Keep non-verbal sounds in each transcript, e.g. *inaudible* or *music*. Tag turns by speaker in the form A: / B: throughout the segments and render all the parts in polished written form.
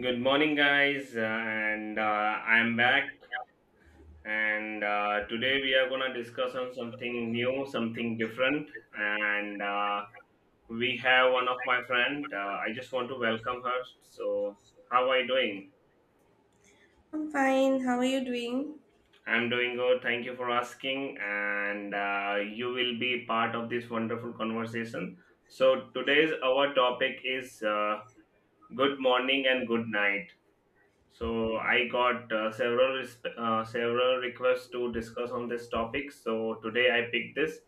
A: Good morning, guys, and I'm back. And Today we are gonna discuss on something new, something different. And We have one of my friend. I just want to welcome her. So, how are you doing?
B: I'm fine. How are you doing?
A: I'm doing good. Thank you for asking. And You will be part of this wonderful conversation. So today's our topic is good morning and good night. So I got several several requests to discuss on this topic. So today I picked this.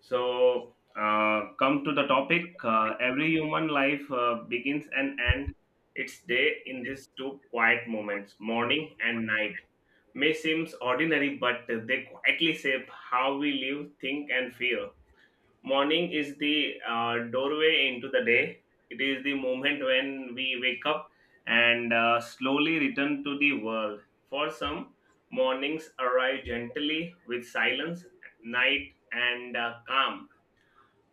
A: So come to the topic. Every human life begins and ends its day in these two quiet moments, morning and night. May seem ordinary, but they quietly shape how we live, think, and feel. Morning is the doorway into the day. It is the moment when we wake up and slowly return to the world. For some, mornings arrive gently with silence, night, and calm.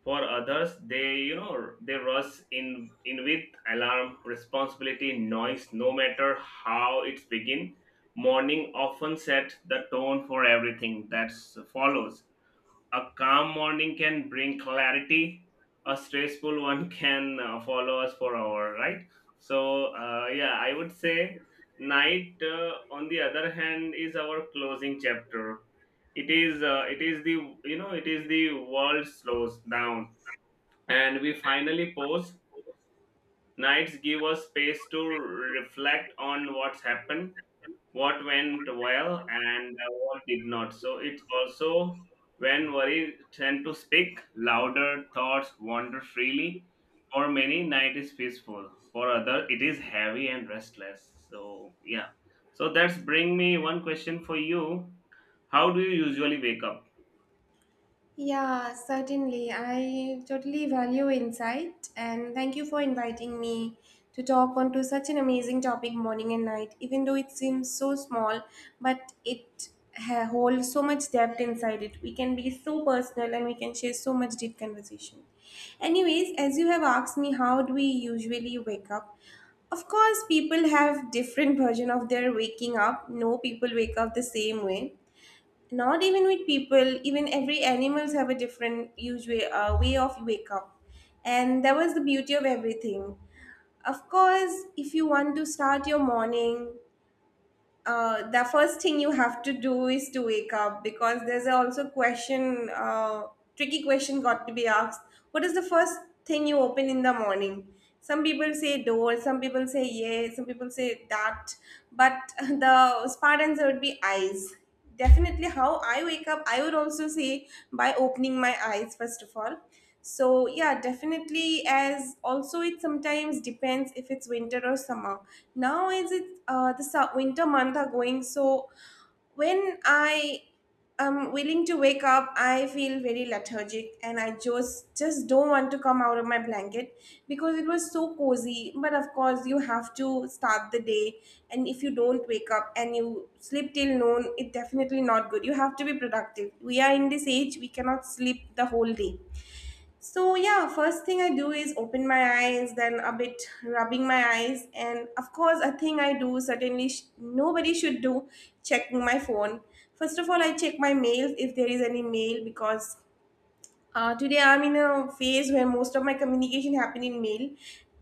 A: For others, they you know they rush in with alarm, responsibility, noise. No matter how it's begin, morning often sets the tone for everything that follows. A calm morning can bring clarity. A stressful *laughs* one can follow us for hour, right? So yeah, I would say night. On the other hand, is our closing chapter. It is the it is the world slows down and we finally pause. Nights give us space to reflect on what's happened, what went well, and what did not. So it's also when worry tend to speak, louder thoughts wander freely. For many, night is peaceful. For other, it is heavy and restless. So yeah. So that's bring me one question for you. How do you usually wake up?
B: Yeah, certainly. I totally value insight and thank you for inviting me to talk on to such an amazing topic morning and night. Even though it seems so small, but it holds so much depth inside it. We can be so personal and we can share so much deep conversation. Anyways, as you have asked me, how do we usually wake up? Of course, people have different *laughs* version of their waking up. No people wake up the same way, not even with people, even every animals have a different usual way of wake up, and that was the beauty of everything. Of course, if you want to start your morning, the first thing you have to do is to wake up, because there's also question, tricky question got to be asked, what is the first thing you open in the morning? Some people say door, some people say yes, some people say that, but *laughs* the smart answer would be eyes. Definitely, how I wake up, I would also say by opening my eyes, first of all. So, yeah, definitely. As also, it sometimes depends if it's winter or summer. Now, is it winter month are going, so when I'm willing to wake up, I feel very lethargic and I just don't want to come out of my blanket because it was so cozy. But of course, you have to start the day, and if you don't wake up and you sleep till noon, it's definitely not good. You have to be productive. We are in this age, we cannot sleep the whole day. So yeah, first thing I do is open my eyes, then a bit rubbing my eyes, and of course a thing I do certainly nobody should do, checking my phone. First of all, I check my mail if there is any mail, because today I'm in a phase where most of my communication happen in mail,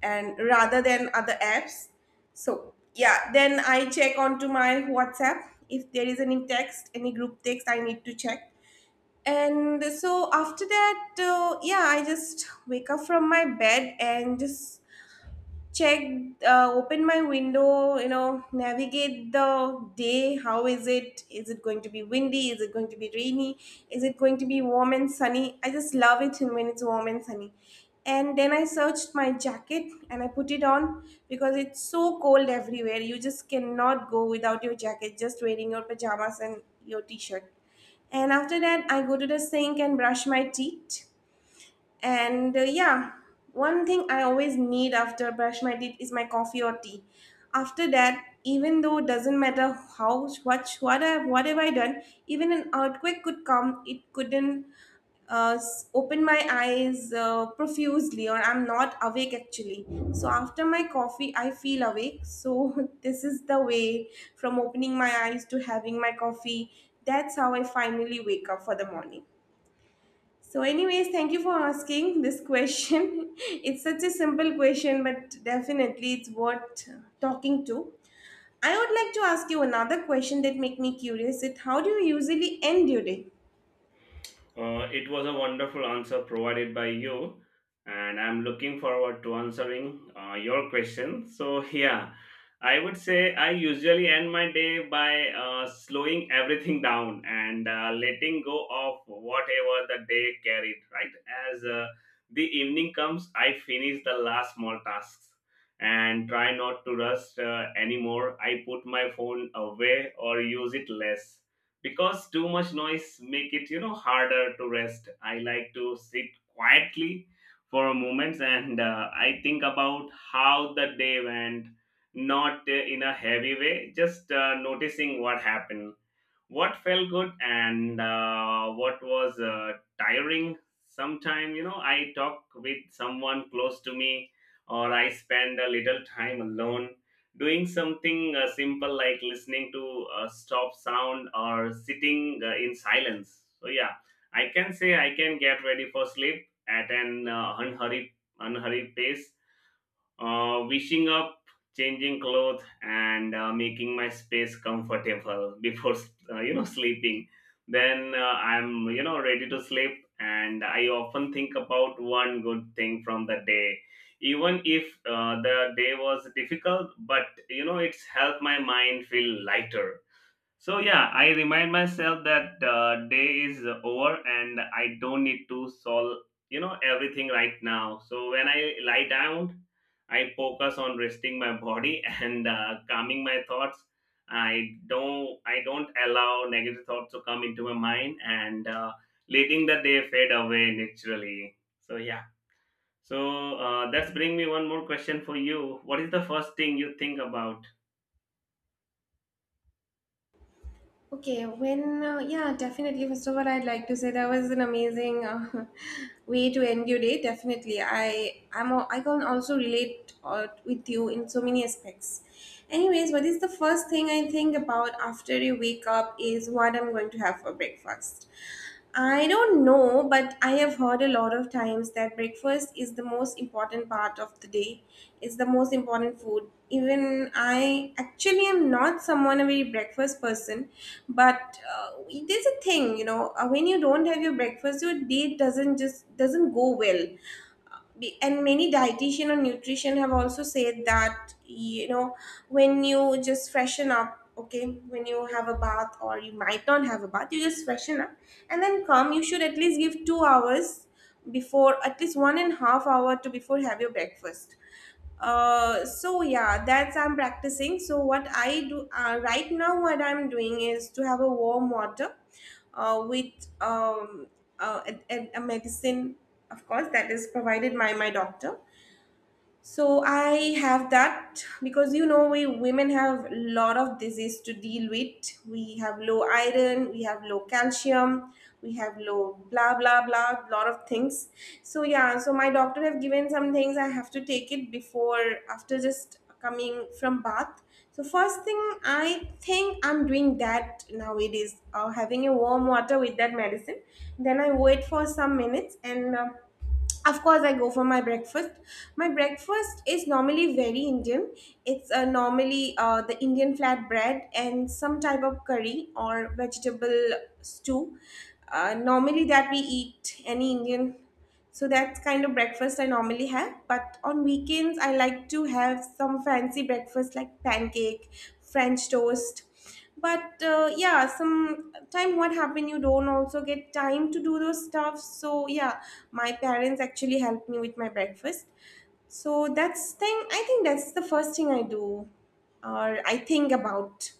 B: and rather than other apps. So yeah, then I check onto my WhatsApp if there is any text, any group text I need to check. And so after that, yeah, I just wake up from my bed and just check, open my window, you know, navigate the day. How is it? Is it going to be windy? Is it going to be rainy? Is it going to be warm and sunny? I just love it when it's warm and sunny. And then I searched my jacket and I put it on, because it's so cold everywhere. You just cannot go without your jacket, just wearing your pajamas and your t-shirt. And after that, I go to the sink and brush my teeth. And yeah, one thing I always need after brush my teeth is my coffee or tea. After that, even though it doesn't matter how much, what I, what have I done, even an earthquake could come, it couldn't open my eyes profusely, or I'm not awake actually. So after my coffee, I feel awake. So *laughs* this is the way, from opening my eyes to having my coffee. That's how I finally wake up for the morning. So, anyways, thank you for asking this question. *laughs* It's such a simple question, but definitely it's worth talking to. I would like to ask you another question that make me curious. It, how do you usually end your day?
A: It was a wonderful answer provided by you, and I'm looking forward to answering your question. So, yeah, I would say I usually end my day by slowing everything down and letting go of whatever the day carried, right? As The evening comes, I finish the last small tasks and try not to rush anymore. I put my phone away or use it less because too much noise make it, harder to rest. I like to sit quietly for a moment and I think about how the day went, not in a heavy way, just noticing what happened, what felt good, and what was tiring. Sometime, I talk with someone close to me or I spend a little time alone doing something simple, like listening to a stop sound or sitting in silence. So yeah, I can say I can get ready for sleep at an unhurried pace, wishing up, changing clothes, and making my space comfortable *laughs* before sleeping. Then I'm ready to sleep, and I often think about one good thing from the day, even if the day was difficult. But you know, it's helped my mind feel lighter. So yeah, I remind myself that day is over and I don't need to solve everything right now. So when I lie down, I focus on resting my body *laughs* and calming my thoughts. I don't allow negative thoughts to come into my mind and letting the day fade away naturally. So yeah. So that's bring me one more question for you. What is the first thing you think about?
B: Okay, when, yeah, definitely. First of all, I'd like to say that was an amazing *laughs* way to end your day. Definitely. I am, I can also relate with you in so many aspects. Anyways, what is the first thing I think about after you wake up is what I'm going to have for breakfast. I don't know, but I have heard a lot of times that breakfast is the most important part of the day. It's the most important food. Even I actually am not someone a very breakfast person, but it is a thing, you know. When you don't have your breakfast, your day doesn't just doesn't go well, and many dietitian or nutrition have also said that, you know, when you just freshen up, okay, when you have a bath or you might not have a bath, you just freshen up and then come, you should at least give 2 hours before, at least 1.5 hours to before have your breakfast. So yeah, that's I'm practicing. So what I do right now, what I'm doing is to have a warm water with um a medicine, of course, that is provided by my doctor. So I have that, because, you know, we women have a lot of disease to deal with. We have low iron, we have low calcium, we have low blah blah blah, lot of things. So yeah, so my doctor have given some things I have to take it before, after just coming from bath. So first thing I think I'm doing that nowadays, having a warm water with that medicine. Then I wait for some minutes and of course I go for my breakfast. My breakfast is normally very Indian. It's normally, the Indian flat bread and some type of curry or vegetable stew, normally, that we eat any Indian. So that's kind of breakfast I normally have, but on weekends I like to have some fancy breakfast like pancake, french toast. But yeah, some time what happened, you don't also get time to do those stuff. So yeah, my parents actually helped me with my breakfast. So that's thing I think, that's the first thing I do or I think about,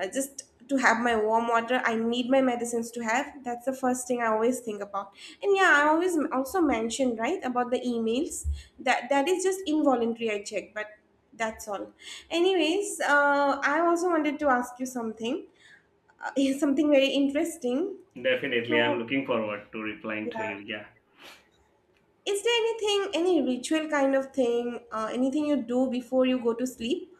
B: just to have my warm water, I need my medicines to have. That's the first thing I always think about. And yeah, I always also mentioned, right, about the emails, that that is just involuntary, I check, but that's all. Anyways, I also wanted to ask you something, uh, *laughs* something very interesting.
A: Definitely, I'm
B: So
A: looking forward to replying to
B: yeah,
A: you. Yeah.
B: is there anything, any ritual kind of thing, anything you do before you go to sleep?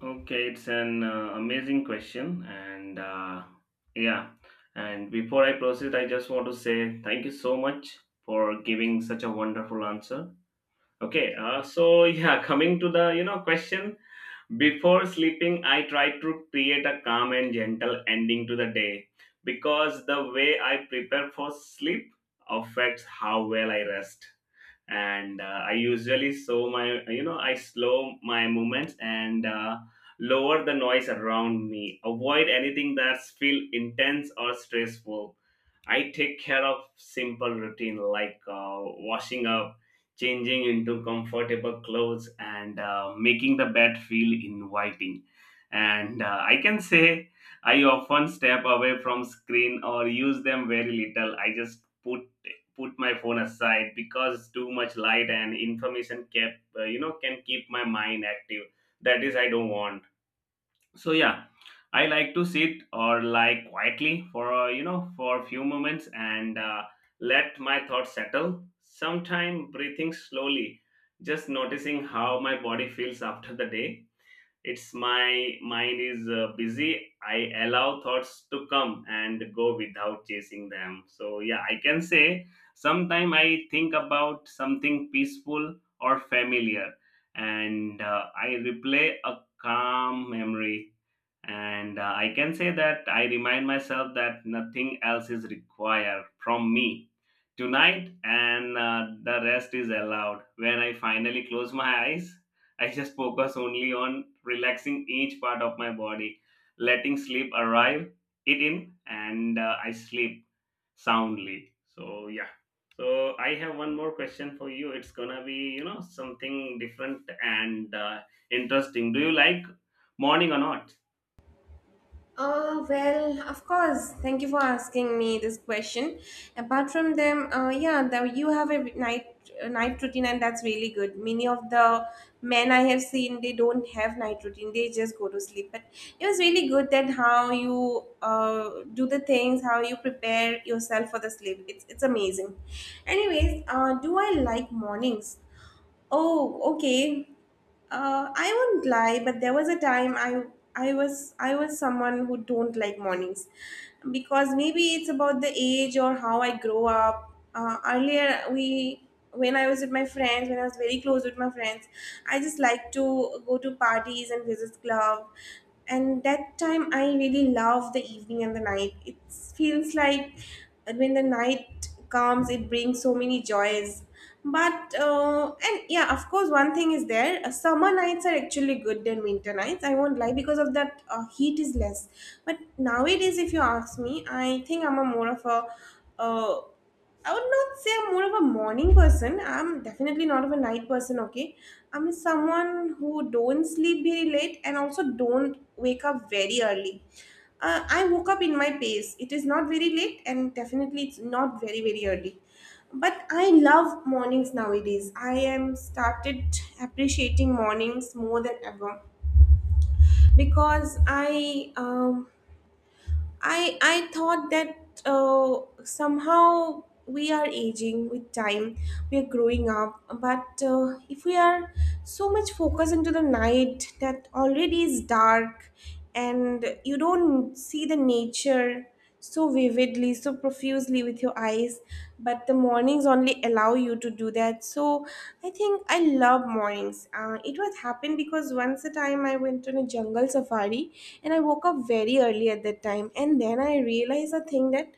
A: Okay, it's an amazing question, and yeah. And before I proceed, I just want to say thank you so much for giving such a wonderful answer. Okay, so yeah, *laughs* coming to the question, before sleeping, I try to create a calm and gentle ending to the day because the way I prepare for sleep affects how well I rest. And I usually slow my, you know, I slow my movements and lower the noise around me. Avoid anything that's feel intense or stressful. I take care of simple routine, like washing up, changing into comfortable clothes, and making the bed feel inviting. And I can say, I often step away from screen or use them very little. I just put my phone aside because too much light and information kept, can keep my mind active. That is I don't want. So yeah, I like to sit or lie quietly for, for a few moments, and let my thoughts settle. Sometime breathing slowly, just noticing how my body feels after the day. It's my mind is busy, I allow thoughts to come and go without chasing them. So yeah, I can say sometime I think about something peaceful or familiar, and I replay a calm memory, and I can say that I remind myself that nothing else is required from me tonight, and the rest is allowed. When I finally close my eyes, I just focus only on relaxing each part of my body, letting sleep arrive it in, and I sleep soundly. So yeah, so I have one more question for you. It's gonna be, something different and interesting. Do you like morning or not?
B: Well, of course. Thank you for asking me this question. Apart from them, yeah, you have a night routine, and that's really good. Many of the men I have seen, they don't have night routine; they just go to sleep. But it was really good that how you do the things, how you prepare yourself for the sleep. It's amazing. Anyways, do I like mornings? Oh, okay. I won't lie, but there was a time I was someone who don't like mornings, because maybe it's about the age or how I grow up. Earlier, we when I was with my friends, when I was very close with my friends, I just like to go to parties and visit club, and that time I really love the evening and the night. It feels like when the night comes, it brings so many joys. But and yeah, of course, one thing is there, summer nights are actually good than winter nights, I won't lie, because of that heat is less. But nowadays, if you ask me, I think I'm a more of a uh, I would not say I'm more of a morning person. I'm definitely not of a night person, okay? I'm someone who don't sleep very late and also don't wake up very early. I woke up in my pace. It is not very late and definitely it's not very, very early. But I love mornings nowadays. I am started appreciating mornings more than ever, because I thought that somehow we are aging with time, we are growing up. But if we are so much focused into the night that already is dark, and you don't see the nature so vividly, so profusely with your eyes, but the mornings only allow you to do that. So I think I love mornings. It was happened because once a time I went on a jungle safari and I woke up very early at that time, and then I realized a thing that,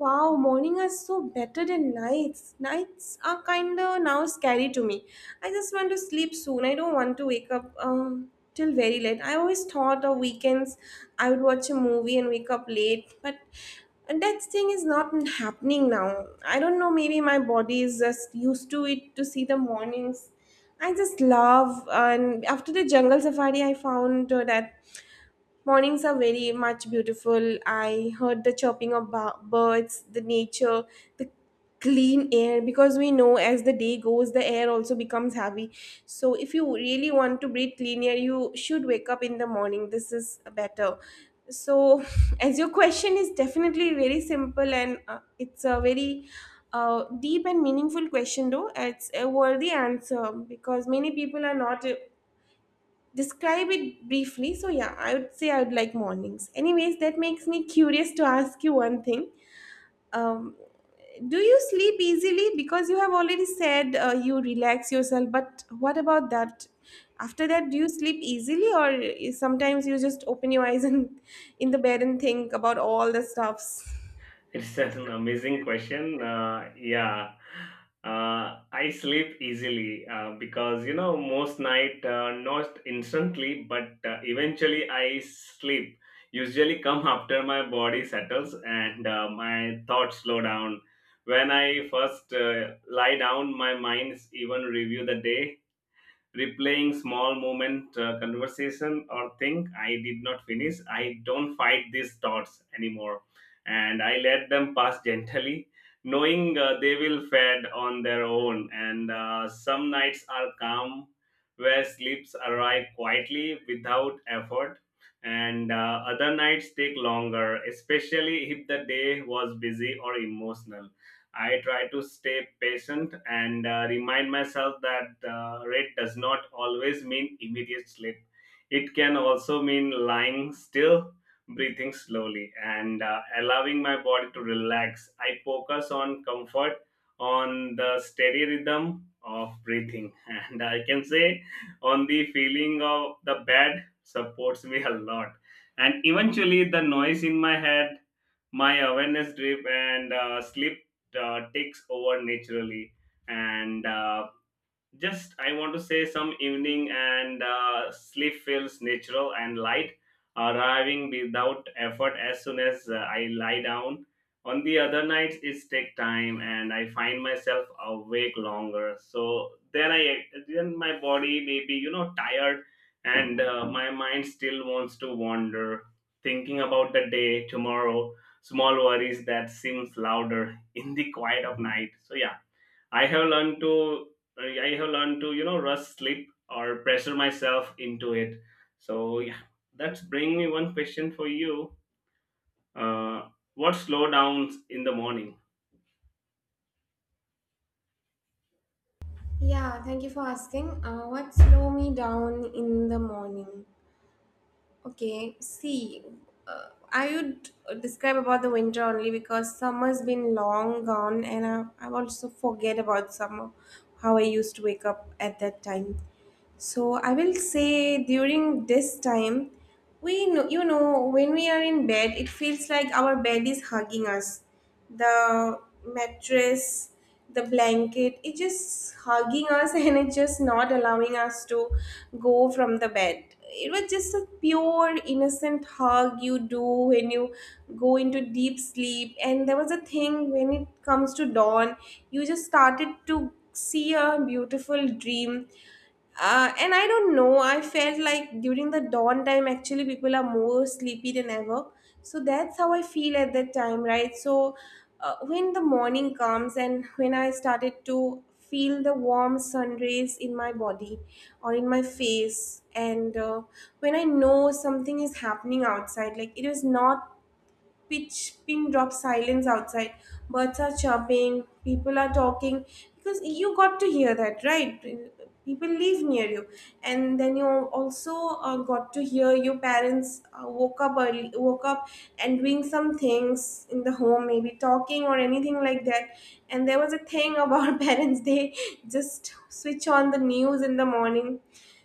B: wow, morning are so better than nights. Nights are kind of now scary to me. I just want to sleep soon. I don't want to wake up. Till very late. I always thought of weekends I would watch a movie and wake up late, but that thing is not happening now. I don't know, maybe my body is just used to it to see the mornings. I just love, and after the jungle safari, I found that mornings are very much beautiful. I heard the chirping of birds, the nature, the clean air, because we know as the day goes the air also becomes heavy. So if you really want to breathe clean air, you should wake up in the morning. This is better. So *laughs* as your question is definitely very simple and it's a very deep and meaningful question though. It's a worthy answer because many people are not describe it briefly. So yeah, I would say I would like mornings. Anyways, that makes me curious to ask you one thing. um, do you sleep easily? Because you have already said you relax yourself, but what about that after that, do you sleep easily or sometimes you just open your eyes *laughs* and in the bed and think about all the stuffs?
A: It's an amazing question. Yeah, I sleep easily because you know most night, not instantly, but eventually I sleep. Usually come after my body settles and my thoughts slow down. When I first lie down, my minds even review the day, replaying small moment, conversation, or think I did not finish. I don't fight these thoughts anymore, and I let them pass *laughs* gently, knowing they will fade on their own, and some nights are calm where sleeps arrive quietly without effort, and other nights take longer, especially if the day was busy or emotional. I try to stay patient and remind myself that red does not always mean immediate sleep. It can also mean lying still, breathing slowly, and allowing my body to relax. I focus on comfort, on the steady rhythm of breathing, *laughs* and I can say on the feeling of the bed supports me a lot. And eventually, the noise in my head, my awareness drip, and sleep takes over naturally. And Just I want to say some evening and sleep feels natural and light, arriving without effort as soon as I lie down. On the other nights it take time and I find myself awake longer, so then my body may be, tired, and my mind still wants to wander, thinking about the day tomorrow, small worries that seems louder in the quiet of night. So yeah, I have learned to I have learned to, rush sleep or pressure myself into it. So yeah, that's bring me one question for you. Uh, what slow downs in the morning?
B: Yeah, thank you for asking. What slow me down in the morning? Okay, see, I would describe about the winter only because summer's been long gone, and I also forget about summer, how I used to wake up at that time. So I will say during this time, we know, you know, when we are in bed, it feels like our bed is hugging us. The mattress, the blanket, it's just hugging us *laughs* and it's just not allowing us to go from the bed. It was just a pure, innocent hug you do when you go into deep sleep. And there was a thing when it comes to dawn, you just started to see a beautiful dream. And I don't know, I felt like during the dawn time, actually, people are more sleepy than ever. So that's how I feel at that time, right? So when the morning comes and when I started to feel the warm sun rays in my body or in my face, and when I know something is happening outside, like it was not pitch pin drop silence outside, birds are chirping, people are talking, because you got to hear that, right? People live near you, and then you also got to hear your parents woke up early, woke up and doing some things in the home, maybe talking or anything like that. And there was a thing about *laughs* parents, they just switch on the news in the morning.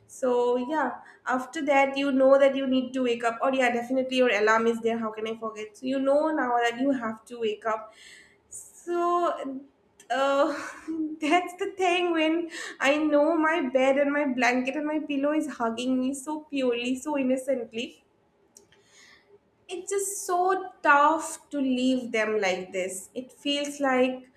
B: So yeah, after that you know that you need to wake up. Or yeah, definitely your alarm is there. How can I forget? So you know now that you have to wake up. So uh, *laughs* that's the thing. When I know my bed and my blanket and my pillow is hugging me so purely, so innocently, it's just so tough to leave them like this. It feels like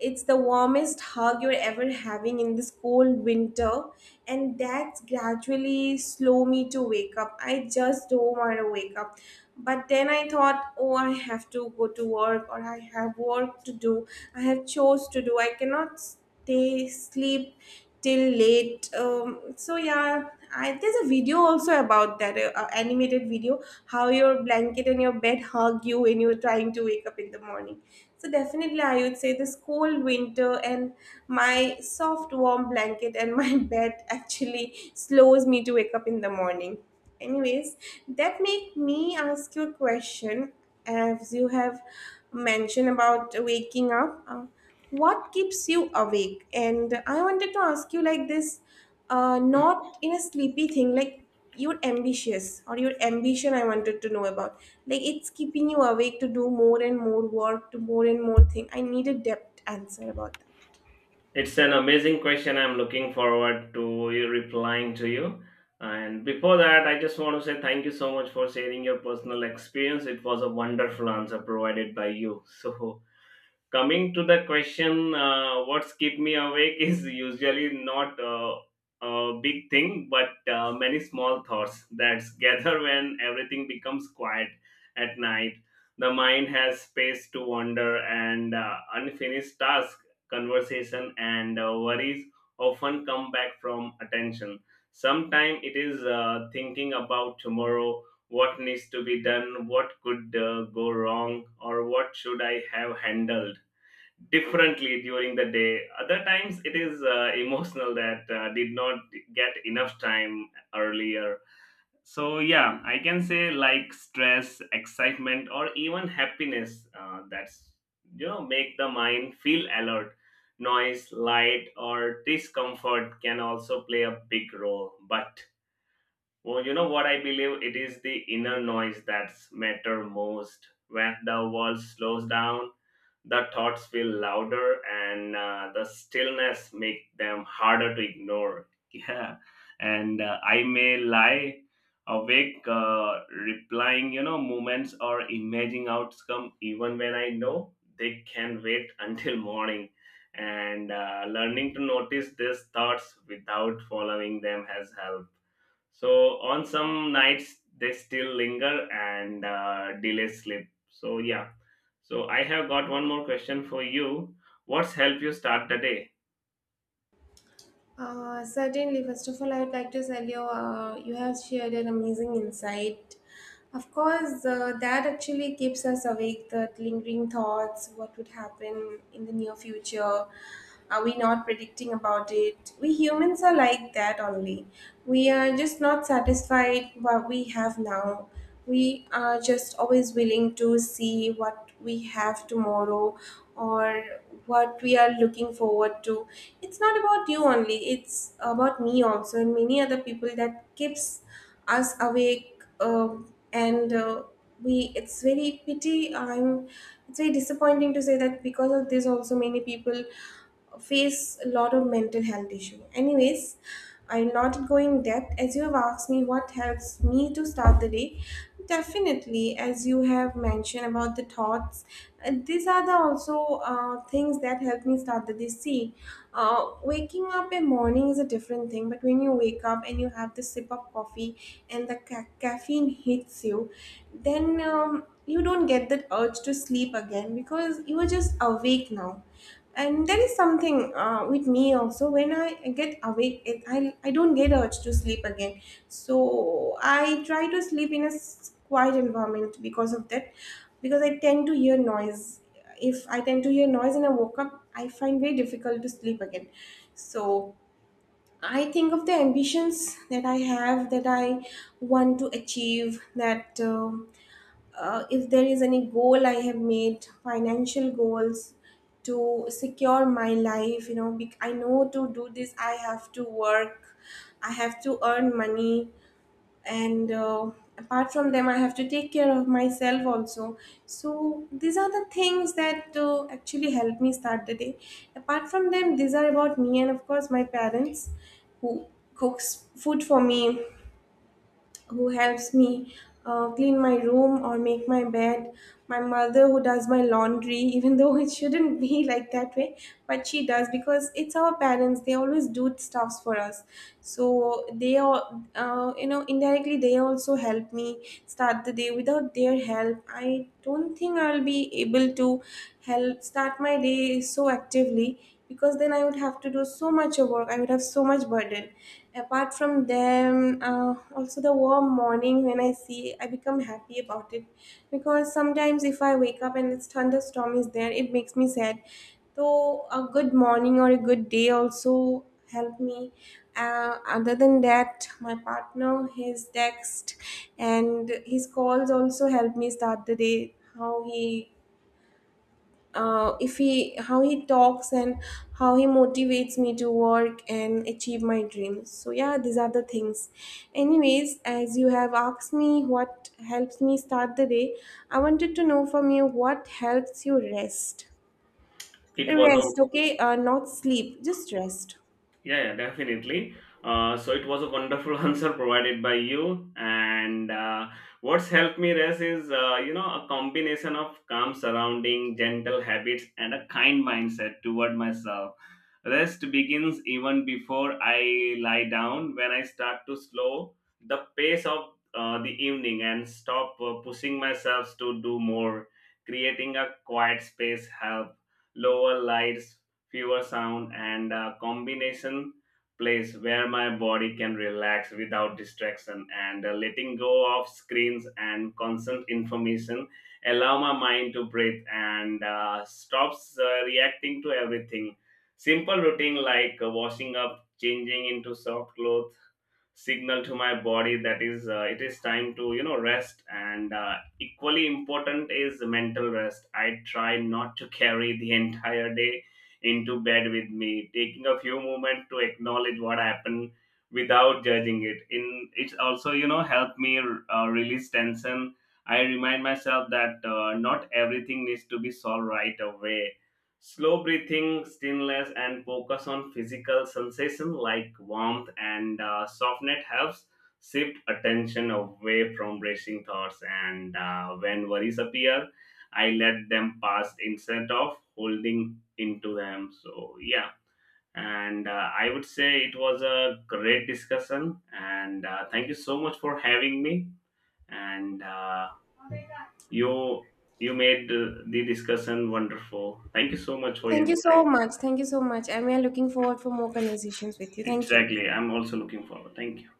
B: it's the warmest hug you're ever having in this cold winter, and that's gradually slow me to wake up. I just don't want to wake up. But then I thought, oh, I have to go to work, or I have work to do, I have chores to do. I cannot they sleep till late. So yeah, I, there's a video also about that animated video how your blanket and your bed hug you when you're trying to wake up in the morning. So definitely I would say this cold winter and my soft warm blanket and my *laughs* bed actually slows me to wake up in the morning. Anyways, that make me ask you a question. As you have mentioned about waking up, what keeps you awake? And I wanted to ask you like this, not in a sleepy thing, like you're ambitious or your ambition. I wanted to know about, like, it's keeping you awake to do more and more work, to more and more thing. I need a depth answer about that.
A: It's an amazing question. I'm looking forward to you replying to you. And before that, I just want to say thank you so much for sharing your personal experience. It was a wonderful answer provided by you. So coming to the question, what's keep me awake *laughs* is usually not a big thing, but many small thoughts that gather when everything becomes quiet at night. The mind has space to wander, and unfinished tasks, conversation, and worries often come back from attention. Sometimes it is thinking about tomorrow, what needs to be done, what could go wrong, or what should I have handled differently during the day. Other times it is emotional that did not get enough time earlier. So yeah, I can say like stress, excitement, or even happiness, that's, make the mind feel alert. Noise, light, or discomfort can also play a big role, but well, you know what I believe? It is the inner noise that's matter most. When the world slows down, the thoughts feel louder, and the stillness make them harder to ignore. *laughs* Yeah, and I may lie awake, replying, you know, moments or imagining outcome, even when I know they can wait *laughs* until morning. And learning to notice these thoughts without following them has helped. So on some nights they still linger and delay sleep. So yeah. So I have got one more question for you. What's helped you start the day?
B: Certainly. First of all, I would like to tell you, you have shared an amazing insight. Of course, that actually keeps us awake, the lingering thoughts, what would happen in the near future. Are we not predicting about it? We humans are like that only. We are just not satisfied what we have now. We are just always willing to see what we have tomorrow or what we are looking forward to. It's not about you only, it's about me also, and many other people, that keeps us awake. And We it's very pity, I'm, it's very disappointing to say that because of this also many people face a lot of mental health issue. Anyways, I'm not going depth, as you have asked me what helps me to start the day. Definitely, as you have mentioned about the thoughts, these are the also things that help me start the day. See, waking up in morning is a different thing, but when you wake up and you have the sip of coffee and the caffeine hits you, then you don't get that urge to sleep again because you are just awake now. And there is something with me also. When I get awake it, I don't get urge to sleep again. So I try to sleep in a quiet environment because of that, because I tend to hear noise. If I tend to hear noise and I woke up, I find very difficult to sleep again. So I think of the ambitions that I have, that I want to achieve, that if there is any goal I have made, financial goals to secure my life, you know, I know to do this, I have to work, I have to earn money, and apart from them, I have to take care of myself also. So, these are the things that actually help me start the day. Apart from them, these are about me and, of course, my parents who cooks food for me, who helps me clean my room or make my bed, my mother who does my laundry, *laughs* even though it shouldn't be like that way, but she does because it's our parents. They always do stuffs for us, so they are, you know, indirectly they also help me start the day. Without their help, I don't think I'll be able to help start my day so actively, because then I would have to do so much of work, I would have so much burden. Apart from them, also the warm morning when I see, I become happy about it, because sometimes if I wake up and this thunderstorm is there, it makes me sad. So a good morning or a good day also help me. Other than that, my partner, his text, and his calls also help me start the day. How he if he, how he talks and how he motivates me to work and achieve my dreams. So yeah, these are the things. Anyways, as you have asked me what helps me start the day, I wanted to know from you what helps you rest.
A: It was a
B: Rest, okay, not sleep, just rest.
A: Yeah, yeah, definitely. So it was a wonderful *laughs* answer provided by you. And what's helped me rest is, a combination of calm surrounding, gentle habits, and a kind mindset toward myself. Rest begins even before I lie down, when I start to slow the pace of the evening and stop pushing myself to do more. Creating a quiet space help, lower lights, fewer sound, and a combination place where my body can relax without distraction, and letting go of screens and constant information allow my mind to breathe and stops reacting to everything. Simple routine like washing up, changing into soft clothes, signal to my body that is it is time to, rest. And equally important is mental rest. I try not to carry the *laughs* entire day into bed with me, taking a few moments to acknowledge what happened without judging it. In it's also, helped me release tension. I remind myself that not everything needs to be solved right away. Slow breathing, stillness, and focus on physical sensation like warmth and softness helps shift attention away from racing thoughts. And when worries appear, I let them pass instead of holding into them. So yeah, and I would say it was a great discussion, and thank you so much for having me. And you you made the discussion wonderful. Thank you so much for
B: Thank
A: your
B: you so
A: insight.
B: much, thank you so much, and we are looking forward for more conversations with you. Thank you.
A: Exactly, I'm also looking forward. Thank you.